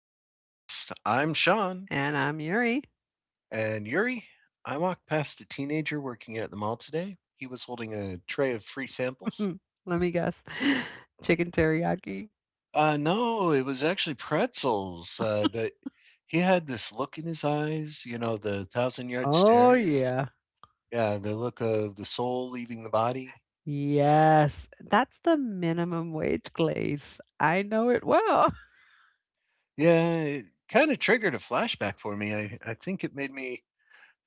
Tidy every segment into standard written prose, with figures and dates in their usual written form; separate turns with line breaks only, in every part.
podcast. I'm Sean
And I'm Yuri.
and Yuri. I walked past a teenager working at the mall today. He was holding a tray of free samples.
Let me guess. Chicken teriyaki.
No, it was actually pretzels, but he had this look in his eyes, the thousand yard
Oh,
stare.
yeah.
Yeah, the look of the soul leaving the body.
Yes, that's the minimum wage glaze. I know it well.
Yeah, it kind of triggered a flashback for me. I think it made me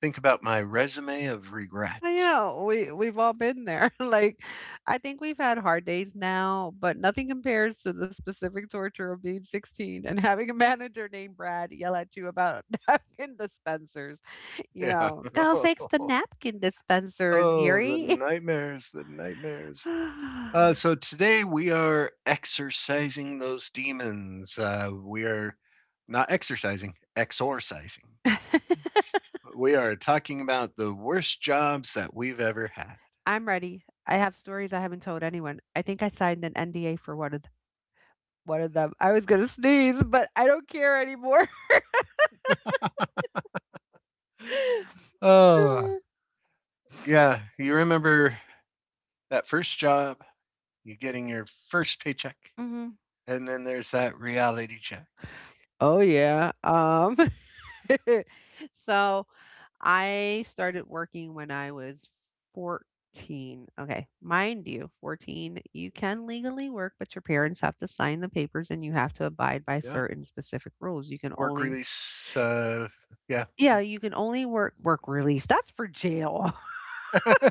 think about my resume of regret.
I know. We've all been there. I think we've had hard days now, but nothing compares to the specific torture of being 16 and having a manager named Brad yell at you about napkin dispensers. You
Yeah.
know, go fix the napkin dispensers,
Oh, the
Yuri.
nightmares, the nightmares. So today we are exorcising those demons. We are not exercising, exorcising. We are talking about the worst jobs that we've ever had.
I'm ready. I have stories I haven't told anyone. I think I signed an NDA for one of them. I was gonna sneeze, but I don't care anymore.
Oh, yeah. You remember that first job, you getting your first paycheck,
Hmm.
and then there's that reality check.
Oh yeah. So I started working when I was 14. Okay, mind you, 14. You can legally work, but your parents have to sign the papers, and you have to abide by
Yeah.
certain specific rules. You can
Work
only—
release. Yeah.
yeah, you can only work release. That's for jail.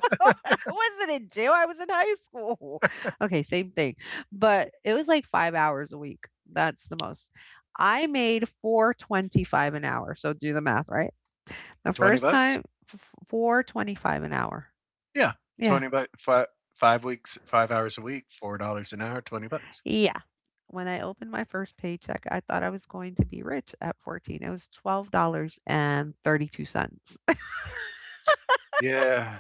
I wasn't in jail, I was in high school. Okay, same thing, but it was like 5 hours a week, that's the most. I made 4.25 an hour, so do the math, right? The
20
first
bucks.
time— f f an hour.
Yeah,
Yeah,
$20, 5 weeks, 5 hours a week, $4 an hour, $20.
yeah. When I opened my first paycheck, I thought I was going to be rich. At 14, it was $12.32.
Yeah,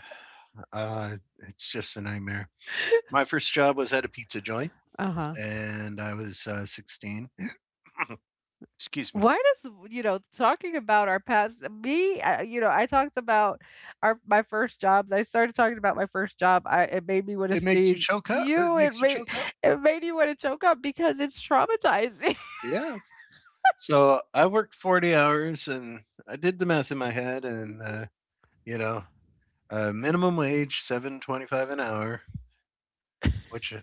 uh, it's just a nightmare. My first job was at a pizza joint,
Uh-huh.
and I was 16. Excuse me.
Why does, you know, talking about our past— you know, I talked about our my first jobs. I started talking about my first job. I It made me want to
It makes you
sneeze.
choke up. It
It
makes you
made—
choke up.
it made you want to choke up because it's traumatizing.
Yeah. So I worked 40 hours, and I did the math in my head, and you know, minimum wage 7.25 an hour, which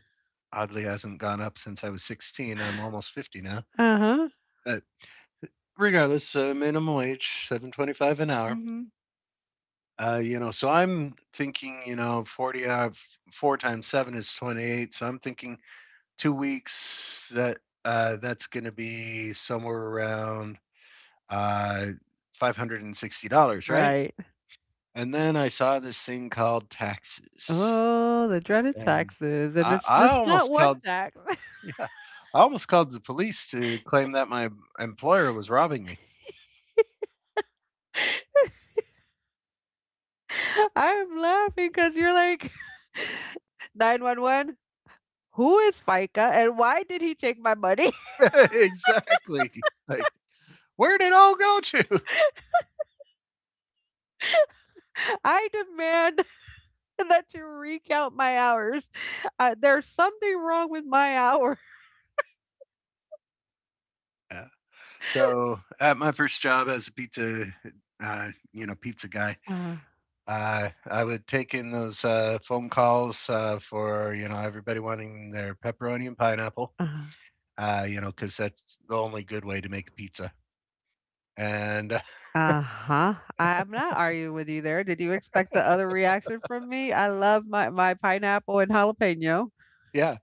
oddly hasn't gone up since I was 16. I'm almost 50 now.
Uh-huh.
Uh, Regardless, minimum wage, 7.25 an hour.
Hmm.
So I'm thinking, 40 hour, four times seven is 28. So I'm thinking 2 weeks. That's going to be somewhere around uh, $560, right?
Right.
And then I saw this thing called taxes,
Oh, the dreaded
and
taxes. And
I,
it's
I
just not
almost
one
called.
tax.
Yeah, I almost called the police to claim that my employer was robbing me.
I'm laughing because you're like, 911, who is FICA and why did he take my money?
Exactly. Like, where did it all go to?
I demand and that to recount my hours. There's something wrong with my hour.
Yeah. So at my first job as a pizza guy,
Uh,
I would take in those phone calls for everybody wanting their pepperoni and pineapple,
uh,
because that's the only good way to make pizza. And
Uh-huh. I am not arguing with you there. Did you expect the other reaction from me? I love my pineapple and jalapeno.
yeah,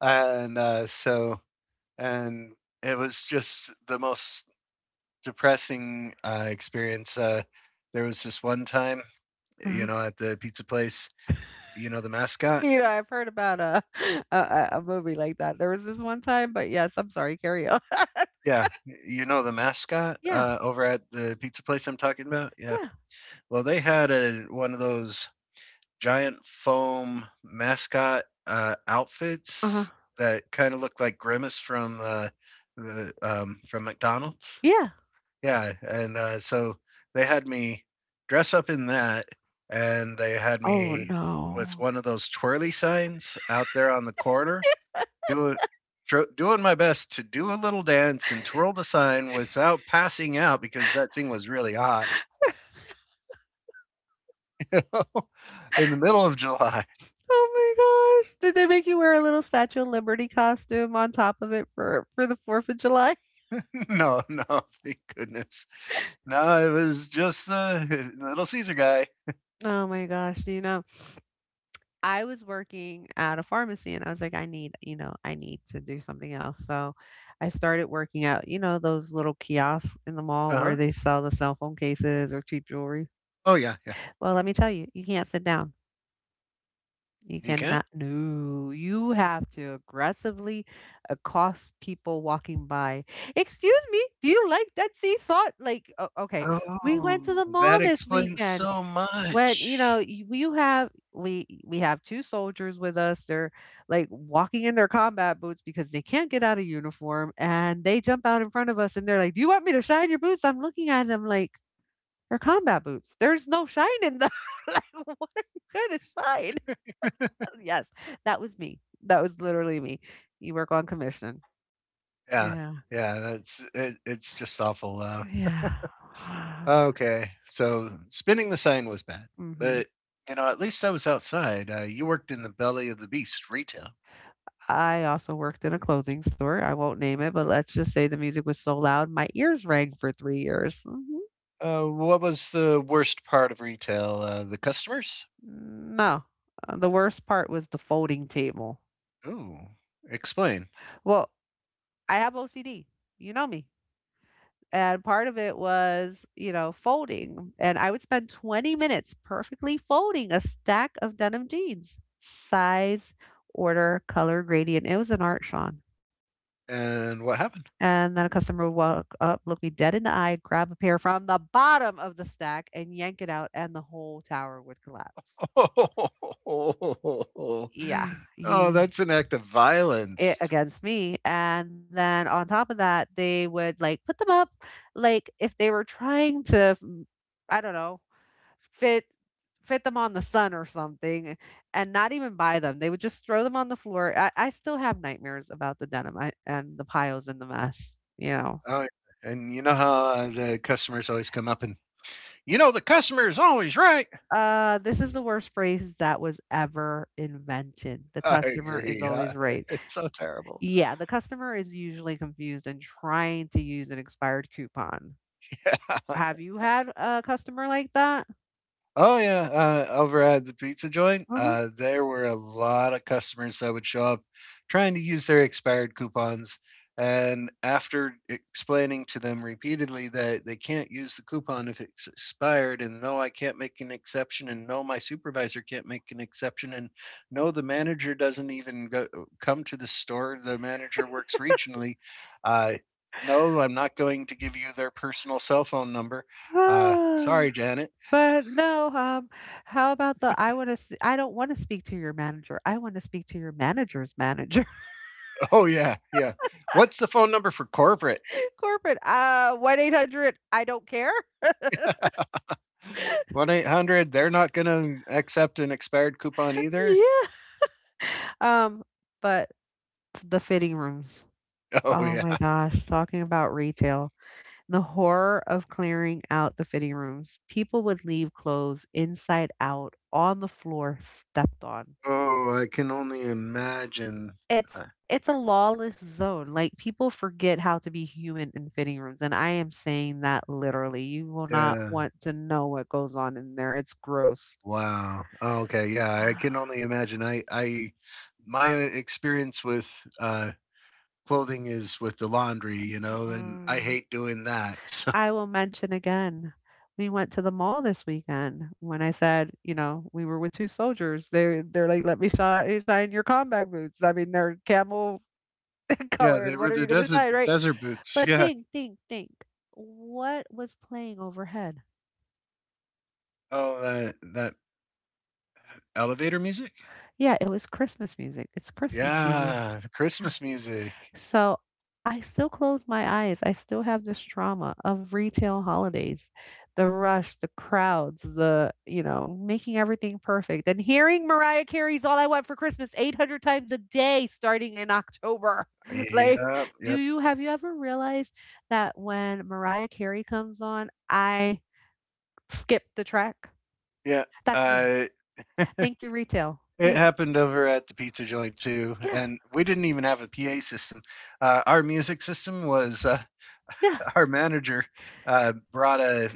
and uh, so and it was just the most depressing experience. There was this one time,
uh.
at the pizza place, the mascot.
You know, I've heard about a a movie like that. There was this one time, but yes, I'm sorry, carry on.
Yeah, you know the mascot,
Yeah,
over at the pizza place I'm talking about? Yeah.
yeah,
Well, they had a one of those giant foam mascot,
uh-huh.
outfits that kinda looked like Grimace from, from McDonald's.
Yeah.
Yeah, and, so they had me dress up in that, and they had
Oh
me with
no.
one of those twirly signs out there on the corner doing doing my best to do a little dance and twirl the sign without passing out because that thing was really hot in the middle of July.
Oh my gosh. Did they make you wear a little Statue of Liberty costume on top of it for the 4th of July?
No, no, thank goodness. No, it was just the Little Caesar guy.
Oh my gosh, you know, I was working at a pharmacy and I was like, I need, you know, I need to do something else. So I started working out, you know, those little kiosks in the mall
Uh
where
huh.
they sell the cell phone cases or cheap jewelry.
Oh yeah, yeah.
Well, let me tell you, you can't sit down. You
You can.
cannot, no, you have to aggressively accost people walking by. Excuse me, do you like that sea salt? Like, okay, we went to
Oh,
the mall
that
this
explains
weekend.
so
When you know,
much.
you have we have two soldiers with us. They're Like, walking in their combat boots because they can't get out of uniform, and they jump out in front of us, and they're like, "Do you want me to shine your boots?" I'm looking at them like, they're combat boots. There's no shine in them. Like, what are you gonna shine? Yes, that was me. That was literally me. You work on commission.
Yeah,
Yeah,
yeah. That's it, it's just awful.
yeah.
Okay, so spinning the sign was bad,
Hmm.
but at least I was outside. You worked in the belly of the beast, retail.
I also worked in a clothing store. I won't name it, but let's just say the music was so loud, my ears rang for 3 years. Mhm.
What was the worst part of retail? The customers?
No. The worst part was the folding table.
Ooh, explain.
Well, I have OCD. You know me. And part of it was, you know, folding. And I would spend 20 minutes perfectly folding a stack of denim jeans, size, order, color gradient. It was an art, Sean.
And what happened?
And then a customer would walk up, look me dead in the eye, grab a pair from the bottom of the stack, and yank it out, and the whole tower would collapse.
Oh,
Yeah, ye-
that's an act of
it
violence.
against me. And then on top of that, they would like put them up, like if they were trying to, I don't know, fit fit them on the sun or something, and not even buy them. They would just throw them on the floor. I still have nightmares about the denim, and the piles and the mess. You know.
Oh, and you know how the customers always come up and, the customer is always right.
This is the worst phrase that was ever invented. The
I
customer is
agree.
always right.
It's so terrible.
Yeah, the customer is usually confused and trying to use an expired coupon. Have you had a customer like that?
Oh yeah, over at the pizza joint,
Uh-huh.
there were a lot of customers that would show up trying to use their expired coupons. And after explaining to them repeatedly that they can't use the coupon if it's expired, and no, I can't make an exception, and no, my supervisor can't make an exception, and no, the manager doesn't even come to the store. The manager works regionally. Uh, no, I'm not going to give you their personal cell phone number.
Ah.
Sorry, Janet.
But no, how about the— I don't want to speak to your manager. I want to speak to your manager's manager.
Oh yeah, yeah. What's the phone number for corporate?
Corporate, 1-800, I don't care.
1-800. They're not going to accept an expired coupon either.
Yeah. Um, but the fitting rooms.
Oh
Oh my
yeah.
gosh, talking about retail. The horror of clearing out the fitting rooms. People would leave clothes inside out on the floor stepped on.
Oh, I can only imagine. Uh,
It's it's a lawless zone. Like, people forget how to be human in fitting rooms and I am saying that literally. You will not
yeah.
want to know what goes on in there. It's gross.
Wow. Oh, okay. Yeah, I can only imagine. My experience with uh, clothing is with the laundry, and I
Mm-mm.
hate doing that. So
I will mention again, we went to the mall this weekend. When I said, you know, we were with 2 soldiers, they're like, "Let me shine your combat boots." I mean, they're camel
yeah, they
colored.
were
What are
the
you gonna
desert
shine, right?
desert boots.
But
Yeah.
think. What was playing overhead?
Oh, that elevator music.
Yeah, it was Christmas music. It's Yeah. Christmas season.
Yeah, the Christmas music.
So I still close my eyes. I still have this trauma of retail holidays, the rush, the crowds, the, you know, making everything perfect and hearing Mariah Carey's All I Want for Christmas 800 times a day starting in October. Like,
Yeah,
do
yep,
you have you ever realized that when Mariah Carey comes on, I skip the track?
yeah.
That's me.
Uh,
Thank you, retail.
it
Thank—
happened over at the pizza joint too,
yeah.
and we didn't even have a PA system. Our music system was
Yeah.
our manager brought a,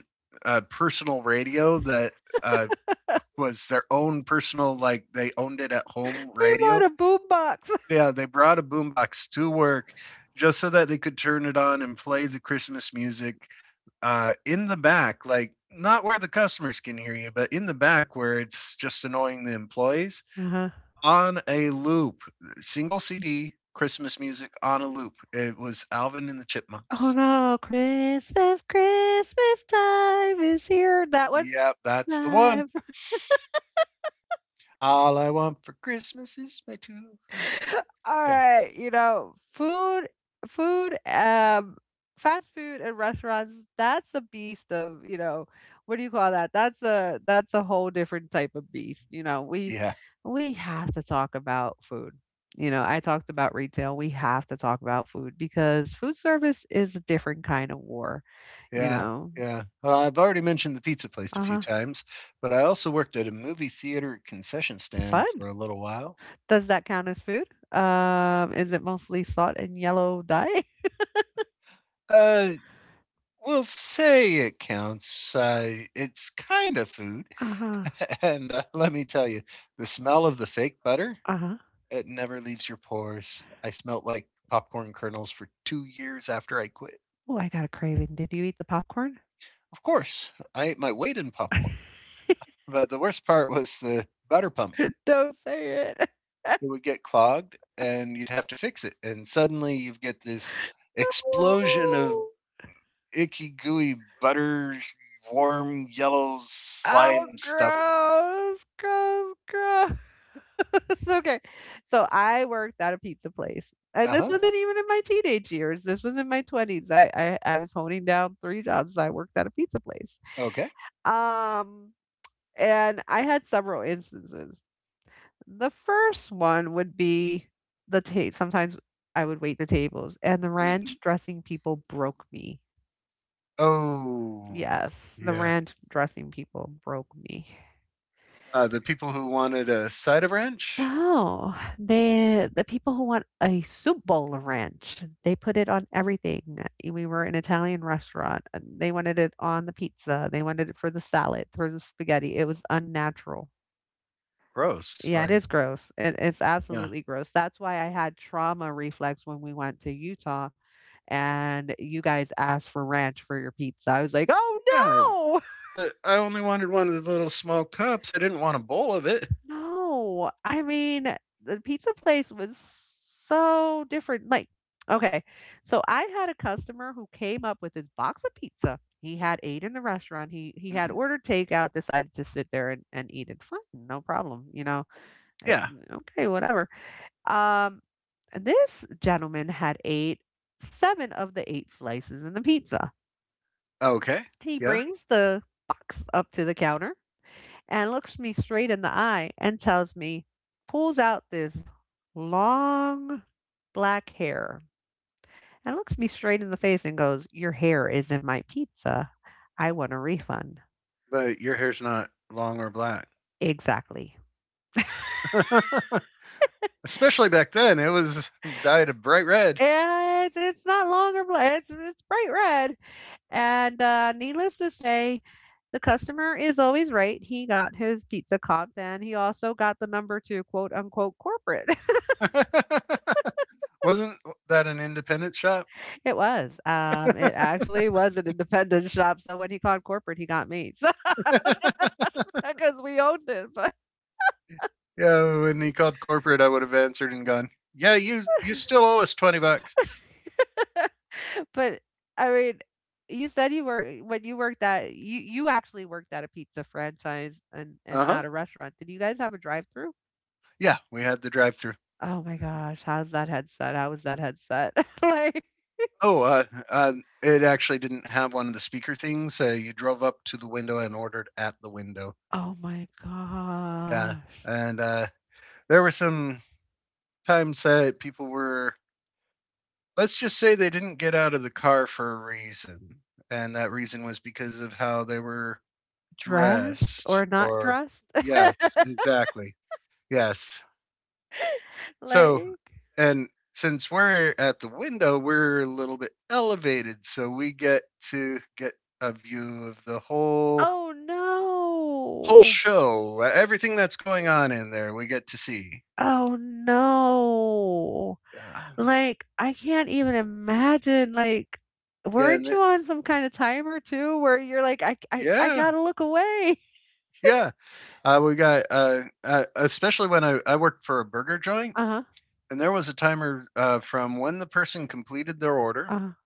a personal radio that uh, was their own personal, like they owned it at home
They
radio.
bought a boom box.
Yeah, they brought a boombox to work just so that they could turn it on and play the Christmas music in the back, like not where the customers can hear you, but in the back where it's just annoying the employees on a loop, single CD Christmas music on a loop. It was Alvin and the
Oh,
Chipmunks.
no. Christmas time is here. That one?
Yep, that's the one.
Time.
All I want for Christmas is my two friends.
All
Yeah,
right, you know, food fast food and restaurants, that's a beast of, you know, what do you call that? That's a— that's a whole different type of beast, you know.
yeah,
We have to talk about food. You know, I talked about retail. We have to talk about food because food service is a different kind of war, you
yeah,
know.
yeah. Well, I've already mentioned the pizza place a few
Uh-huh.
times, but I also worked at a movie theater concession stand
Fun.
for a little while.
Does that count as food? Is it mostly salt and yellow dye?
Uh, We'll say it counts. It's kind of food.
Uh-huh,
And let me tell you, the smell of the fake butter,
uh-huh.
it never leaves your pores. I smelt like popcorn kernels for 2 years after I quit.
Ooh, I got a craving. Did you eat the popcorn?
Of course, I ate my weight in popcorn. But the worst part was the butter pump.
Don't say it.
It would get clogged and you'd have to fix it. And suddenly you get this explosion of icky, gooey butter, warm, yellow
Oh,
slime stuff.
gross, gross, gross. Okay, so I worked at a pizza place, and
Uh
this
huh.
wasn't even in my teenage years. This was in my 20s. I was holding down 3 jobs. I worked at a pizza place.
Okay.
Um, and I had several instances. The first one would be— the ta sometimes I would wait the tables, and the
Mhm.
ranch dressing people broke me.
Oh,
Yes, the
yeah.
ranch dressing people broke me.
The people who wanted a cider ranch.
No, the people who want a soup bowl of ranch, they put it on everything. We were an Italian restaurant. And They wanted it on the pizza. They wanted it for the salad, for the spaghetti. It was unnatural.
Gross.
Yeah, it
Like,
is gross. It's
yeah.
absolutely gross. That's why I had trauma reflex when we went to Utah and you guys asked for ranch for your pizza. I was like, oh
Yeah,
no,
but I only wanted one of the little small cups. I didn't want a bowl of it.
no. I mean, the pizza place was so different. Like, okay, so I had a customer who came up with his box of pizza. He had ate in the restaurant. He had
Hmm.
ordered takeout, decided to sit there and, eat it. Fine, no problem. You know, Eh,
Yeah.
okay, whatever. Um, This gentleman had ate seven of the eight slices in the pizza.
Okay.
He
Yeah.
brings the box up to the counter and looks me straight in the eye and tells me, pulls out this long black hair and looks me straight in the face and goes, your hair is in my pizza. I want a refund.
But your hair's not long or black.
Exactly.
Especially back then, it was dyed a bright red.
Yeah, it's not longer, or it's bright red, and, needless to say, the customer is always right, he got his pizza comped, and he also got the number 2 quote, unquote, "corporate."
Wasn't that an independent shop?
It was, it actually was an independent shop, so when he called corporate, he got me, so
Yeah,
because we owned it,
when he called corporate, I would have answered and gone, "Yeah, you still owe us $20."
but, I mean, you said you were— eh, when you worked at you actually worked at a pizza franchise and
Uh
not
huh.
a restaurant. Did you guys have a drive-through?
Yeah, we had the drive-through.
Oh my gosh, how's that headset? How was that headset? Like,
Oh, uh, it actually didn't have one of the speaker things. You drove up to the window and ordered at the window.
oh my
Yeah,
gosh.
and there were some times that people were. Let's just say they didn't get out of the car for a reason, and that reason was because of how they were
Dressed
dressed.
or not
Or
dressed?
yes, exactly. Yes, so,
Like,
and since we're at the window, we're a little bit elevated, so we get to get a view of the whole
oh
whole
no.
show, everything that's going on in there. We get to see.
Oh no.
Yeah,
Like, I can't even imagine, like,
yeah,
weren't you on some kinda timer too where you're like, "I
yeah,
gotta look away?"
yeah. We got especially when I worked for a burger joint,
Uh-huh,
and there was a timer from when the person completed their order.
uh-huh,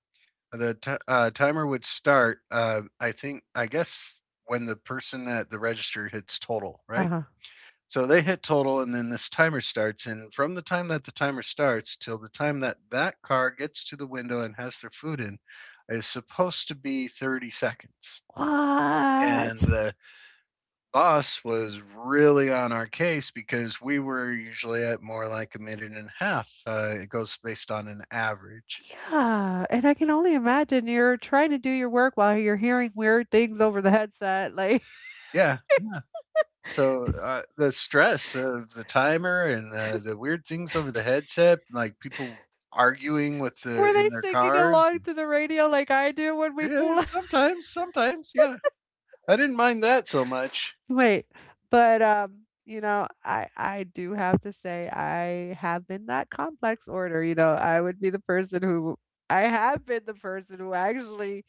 The ti timer would start, I think I guess when the person at the register hits total, right?
uh-huh.
So they hit total and then this timer starts, and from the time that the timer starts till the time that that car gets to the window and has their food in is supposed to be 30 seconds. And
What?
the boss was really on our case because we were usually at more like a minute and a half, it goes based on an average.
Yeah, and I can only imagine you're trying to do your work while you're hearing weird things over the headset, like,
Yeah. So, the stress of the timer and the weird things over the headset, like people arguing with the
were they
in their
singing
cars.
along to the radio like I do when we
Yeah,
pull up?
sometimes, sometimes, yeah. I didn't mind that so much.
Wait, I do have to say I have been that complex order. I have been the person who actually,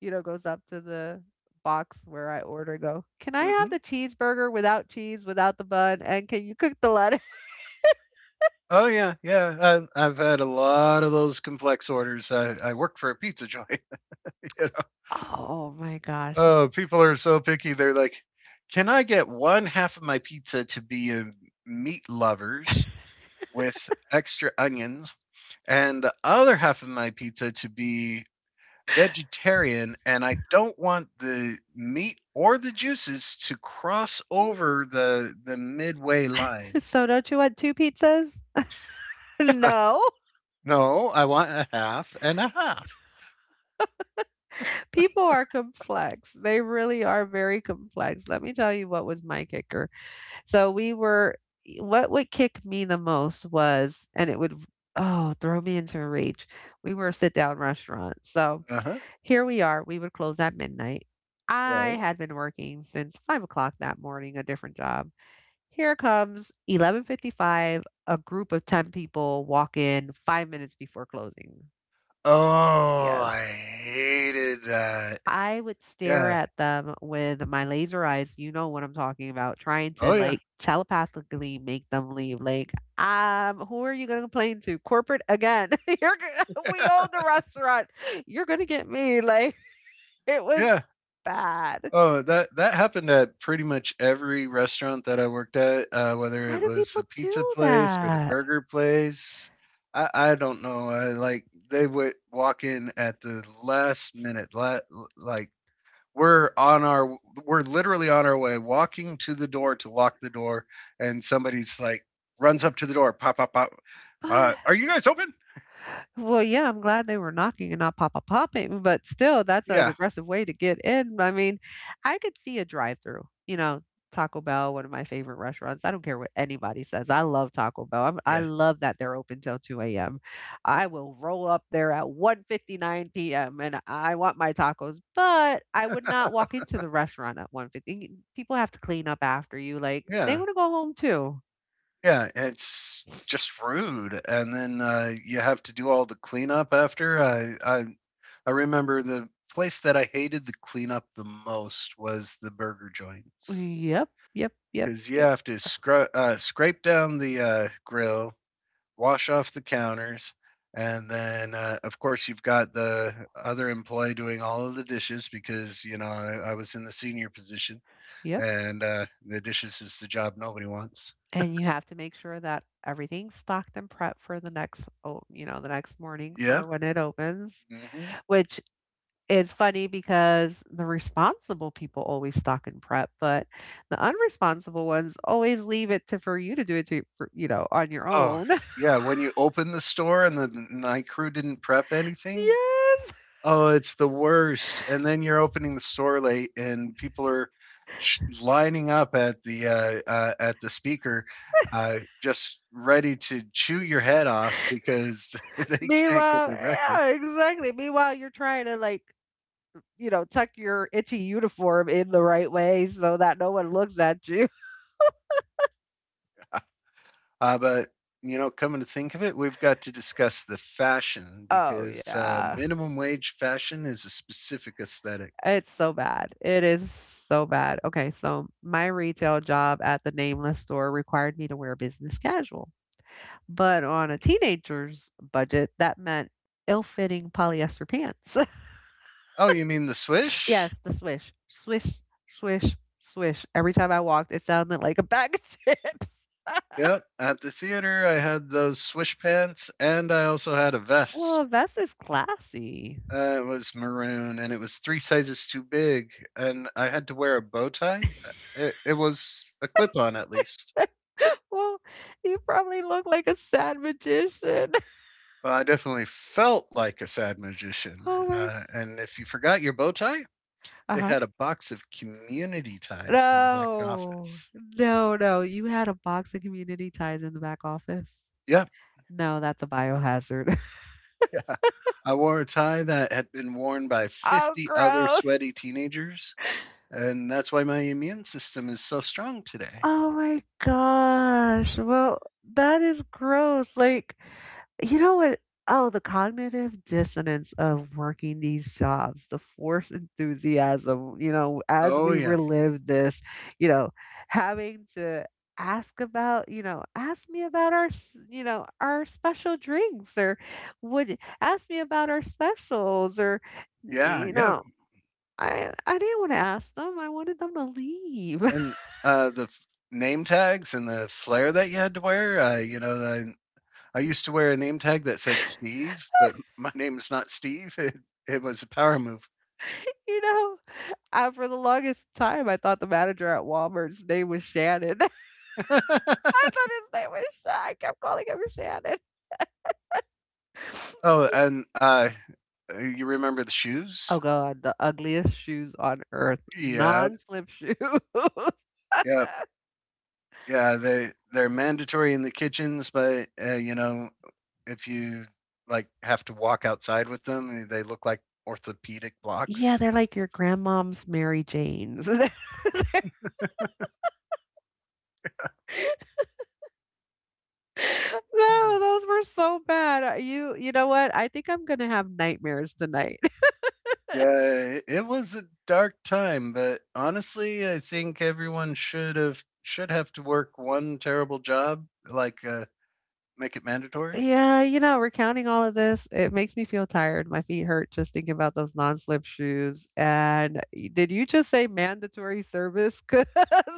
you know, goes up to the box where I order and go, "Can I have
Hmm.
the cheeseburger without cheese, without the bun, and can you cook the lettuce?"
Oh yeah, yeah. I've had a lot of those complex orders. I work for a pizza joint. You know?
Oh my gosh.
Oh, people are so picky. They're like, "Can I get one half of my pizza to be a meat lovers with extra onions?" and the other half of my pizza to be vegetarian and I don't want the meat or the juices to cross over the midway line.
So don't you want 2 pizzas?
Uh,
No,
no, I want a half and a half.
people are complex. They really are very complex. Let me tell you what was my kicker. So we were e What would kick me the most was and it would oh, throw me into a rage. We were a sit-down restaurant. So
Uh-huh.
here we are, we would close at midnight.
Right.
I had been working since 5 o'clock that morning, a different job. Here comes 11:55, a group of 10 people walk in 5 minutes before closing.
Oh, I
Yes.
hated that.
I would stare
Yeah.
at them with my laser eyes, you know what I'm talking about, trying to,
Oh yeah.
like, telepathically make them leave. "Who are you gonna complain to? Corporate again. You're gonna we own the restaurant. You're gonna get me." Like, it was
Yeah.
bad.
Oh, that that happened at pretty much every restaurant that I worked at, whether
Why
it
do
was
people
the pizza
do
place or the
that?
burger place. I don't know. Like they would walk in at the last minute. Like we're on our we're literally on our way, walking to the door to lock the door, and somebody's like runs up to the door, pop, pop, pop. Are you guys open?
Well, yeah, I'm glad they were knocking and not papa popping, but still, that's an
Yeah,
aggressive way to get in. I mean, I could see a drive through. Taco Bell, one of my favorite restaurants. I don't care what anybody says. I love Taco Bell. I
yeah,
love that they're open till 2 a.m. I will roll up there at 1:59 p.m. and I want my tacos, but I would not walk into the restaurant at 1:50. People have to clean up after you. Like, they
yeah.
want to go home too.
Yeah, it's just rude, and then, you have to do all the cleanup after. I remember the place that I hated the cleanup the most was the burger joints,
Yep, yep, yep,
because you
yep,
have to scrape down the, grill, wash off the counters, and then, of course, you've got the other employee doing all of the dishes because, you know, I was in the senior position,
yep.
and, the dishes is the job nobody wants.
And you have to make sure that everything's stocked and prepped for the next, oh, you know, the next morning. Yeah.
Yeah,
For when it opens,
mhm.
which is funny because the responsible people always stock and prep, but the unresponsible ones always leave it to for you to do it to, for, you know, on your
Oh,
own.
yeah, when you open the store and the night crew didn't prep anything?
Yes.
Oh, it's the worst, and then you're opening the store late, and people are sh lining up at the speaker, just ready to chew your head off because they can't get
Meanwhile,
their
yeah,
breakfast.
exactly. Meanwhile, you're trying to like, you know, tuck your itchy uniform in the right way so that no one looks at you.
But, you know, coming to think of it, we've got to discuss the fashion
Oh
because,
yeah.
minimum wage fashion is a specific aesthetic.
It's so bad. It is so bad. Okay, so my retail job at the nameless store required me to wear business casual, but on a teenager's budget, that meant ill-fitting polyester pants.
Oh, you mean the swish?
Yes, the swish, swish, swish, swish. Every time I walked, it sounded like a bag of chips.
Yep. At the theater, I had those swish pants, and I also had a
Well,
vest.
a vest is classy.
It was maroon, and it was three sizes too big, and I had to wear a bow tie. It was a clip-on, at least.
Well, you probably look like a sad magician.
But I definitely felt like a sad magician.
Oh my.
And if you forgot your bow tie,
Uh
they
huh.
had a box of community ties in the back
No.
office.
No, no. You had a box of community ties in the back office?
Yeah,
No, that's a biohazard.
yeah. I wore a tie that had been worn by
Oh,
50 other
gross.
sweaty teenagers, and that's why my immune system is so strong today.
Oh my gosh. Well, that is gross. Like, you know what? Oh, the cognitive dissonance of working these jobs, the forced enthusiasm, you know, as
Oh
we
yeah,
relive this, you know, having to ask about, you know, ask me about our, s- you know, our special drinks or would ask me about our specials or,
yeah,
you
yeah.
know, I didn't want to ask them. I wanted them to leave.
And uh, the f- Name tags and the flair that you had to wear. You know, I used to wear a name tag that said Steve, but my name is not Steve. It was a power move.
You know, for the longest time, I thought the manager at Walmart's name was Shannon. I thought his name was Sha I kept calling him Shannon.
Oh, and you remember the shoes?
Oh god, the ugliest shoes on earth,
Yeah,
non-slip shoes.
yeah. Yeah, they're mandatory in the kitchens, but you know, if you like have to walk outside with them, eh, they look like orthopedic
Yeah,
blocks.
they're like your grandmom's Mary Janes.
Mm.
No, those were so bad. You you know what? I think I'm gonna have nightmares tonight.
Yeah, it was a dark time, but honestly, I think everyone should have to work one terrible job, like make it mandatory.
Yeah, you know, recounting all of this, it makes me feel tired. My feet hurt just thinking about those non-slip shoes. And did you just say mandatory service?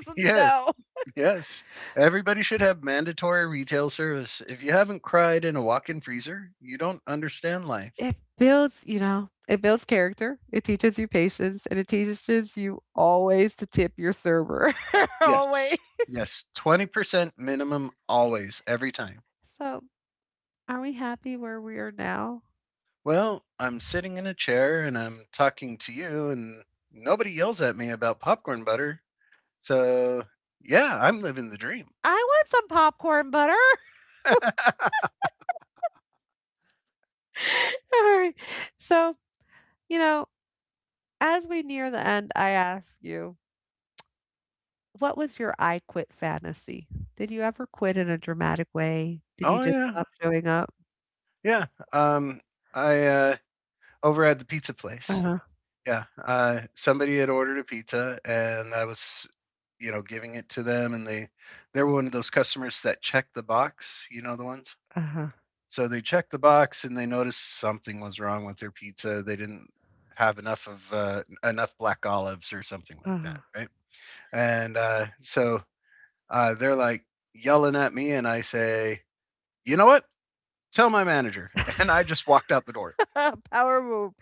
Yes,
no,
yes, everybody should have mandatory retail service. If you haven't cried in a walk-in freezer, you don't understand life.
it builds, you know, it builds character. It teaches you patience, and it teaches you always to tip your server. Always.
Yes. Yes. 20% minimum always, every time.
So, are we happy where we are now?
Well, I'm sitting in a chair and I'm talking to you, and nobody yells at me about popcorn butter. So, yeah, I'm living the dream.
I want some popcorn butter. All right. So, you know, as we near the end, I ask you. What was your "I quit" fantasy? Did you ever quit in a dramatic way? Did you
Oh,
just
yeah.
stop showing up?
Yeah. Um, I, uh, Over at the pizza place.
Uh-huh,
Yeah. Somebody had ordered a pizza and I was, you know, giving it to them, and they were one of those customers that check the box, you know, the ones.
uh-huh,
So they checked the box and they noticed something was wrong with their pizza. They didn't have enough of enough black olives or something like that,
uh-huh.
right? And so They're like yelling at me, and I say, "You know what? Tell my manager." And I just walked out the door.
Power move.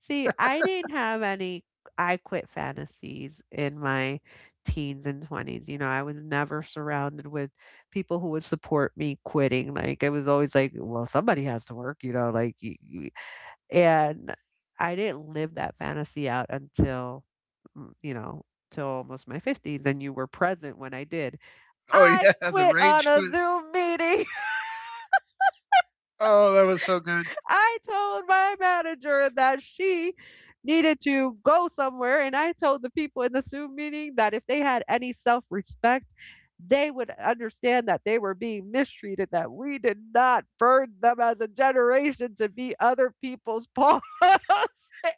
See, I didn't have any "I quit" fantasies in my teens and 20s, you know, I was never surrounded with people who would support me quitting, like, it was always like, "Well, somebody has to work," you know, like, you And I didn't live that fantasy out until, mm, you know, till almost my 50s, and you were present when I did.
Oh
I
yeah, the
quit
rage
on a
foot.
Zoom meeting.
Oh, that was so good.
I told my manager that she needed to go somewhere, and I told the people in the Zoom meeting that if they had any self respect, they would understand that they were being mistreated, that we did not burn them as a generation to be other people's paws.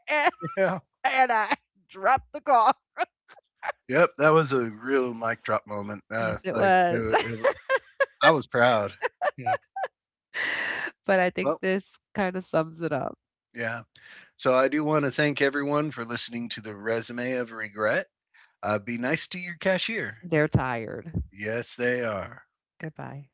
And
Yeah.
and I dropped the call.
Yep, that was a real mic drop moment.
Yes, it was.
I was proud. Yeah.
But I think
Well,
this kind of sums it up.
yeah. So I do want to thank everyone for listening to the resume of regret. Be nice to your cashier.
They're tired.
Yes, they are.
Goodbye.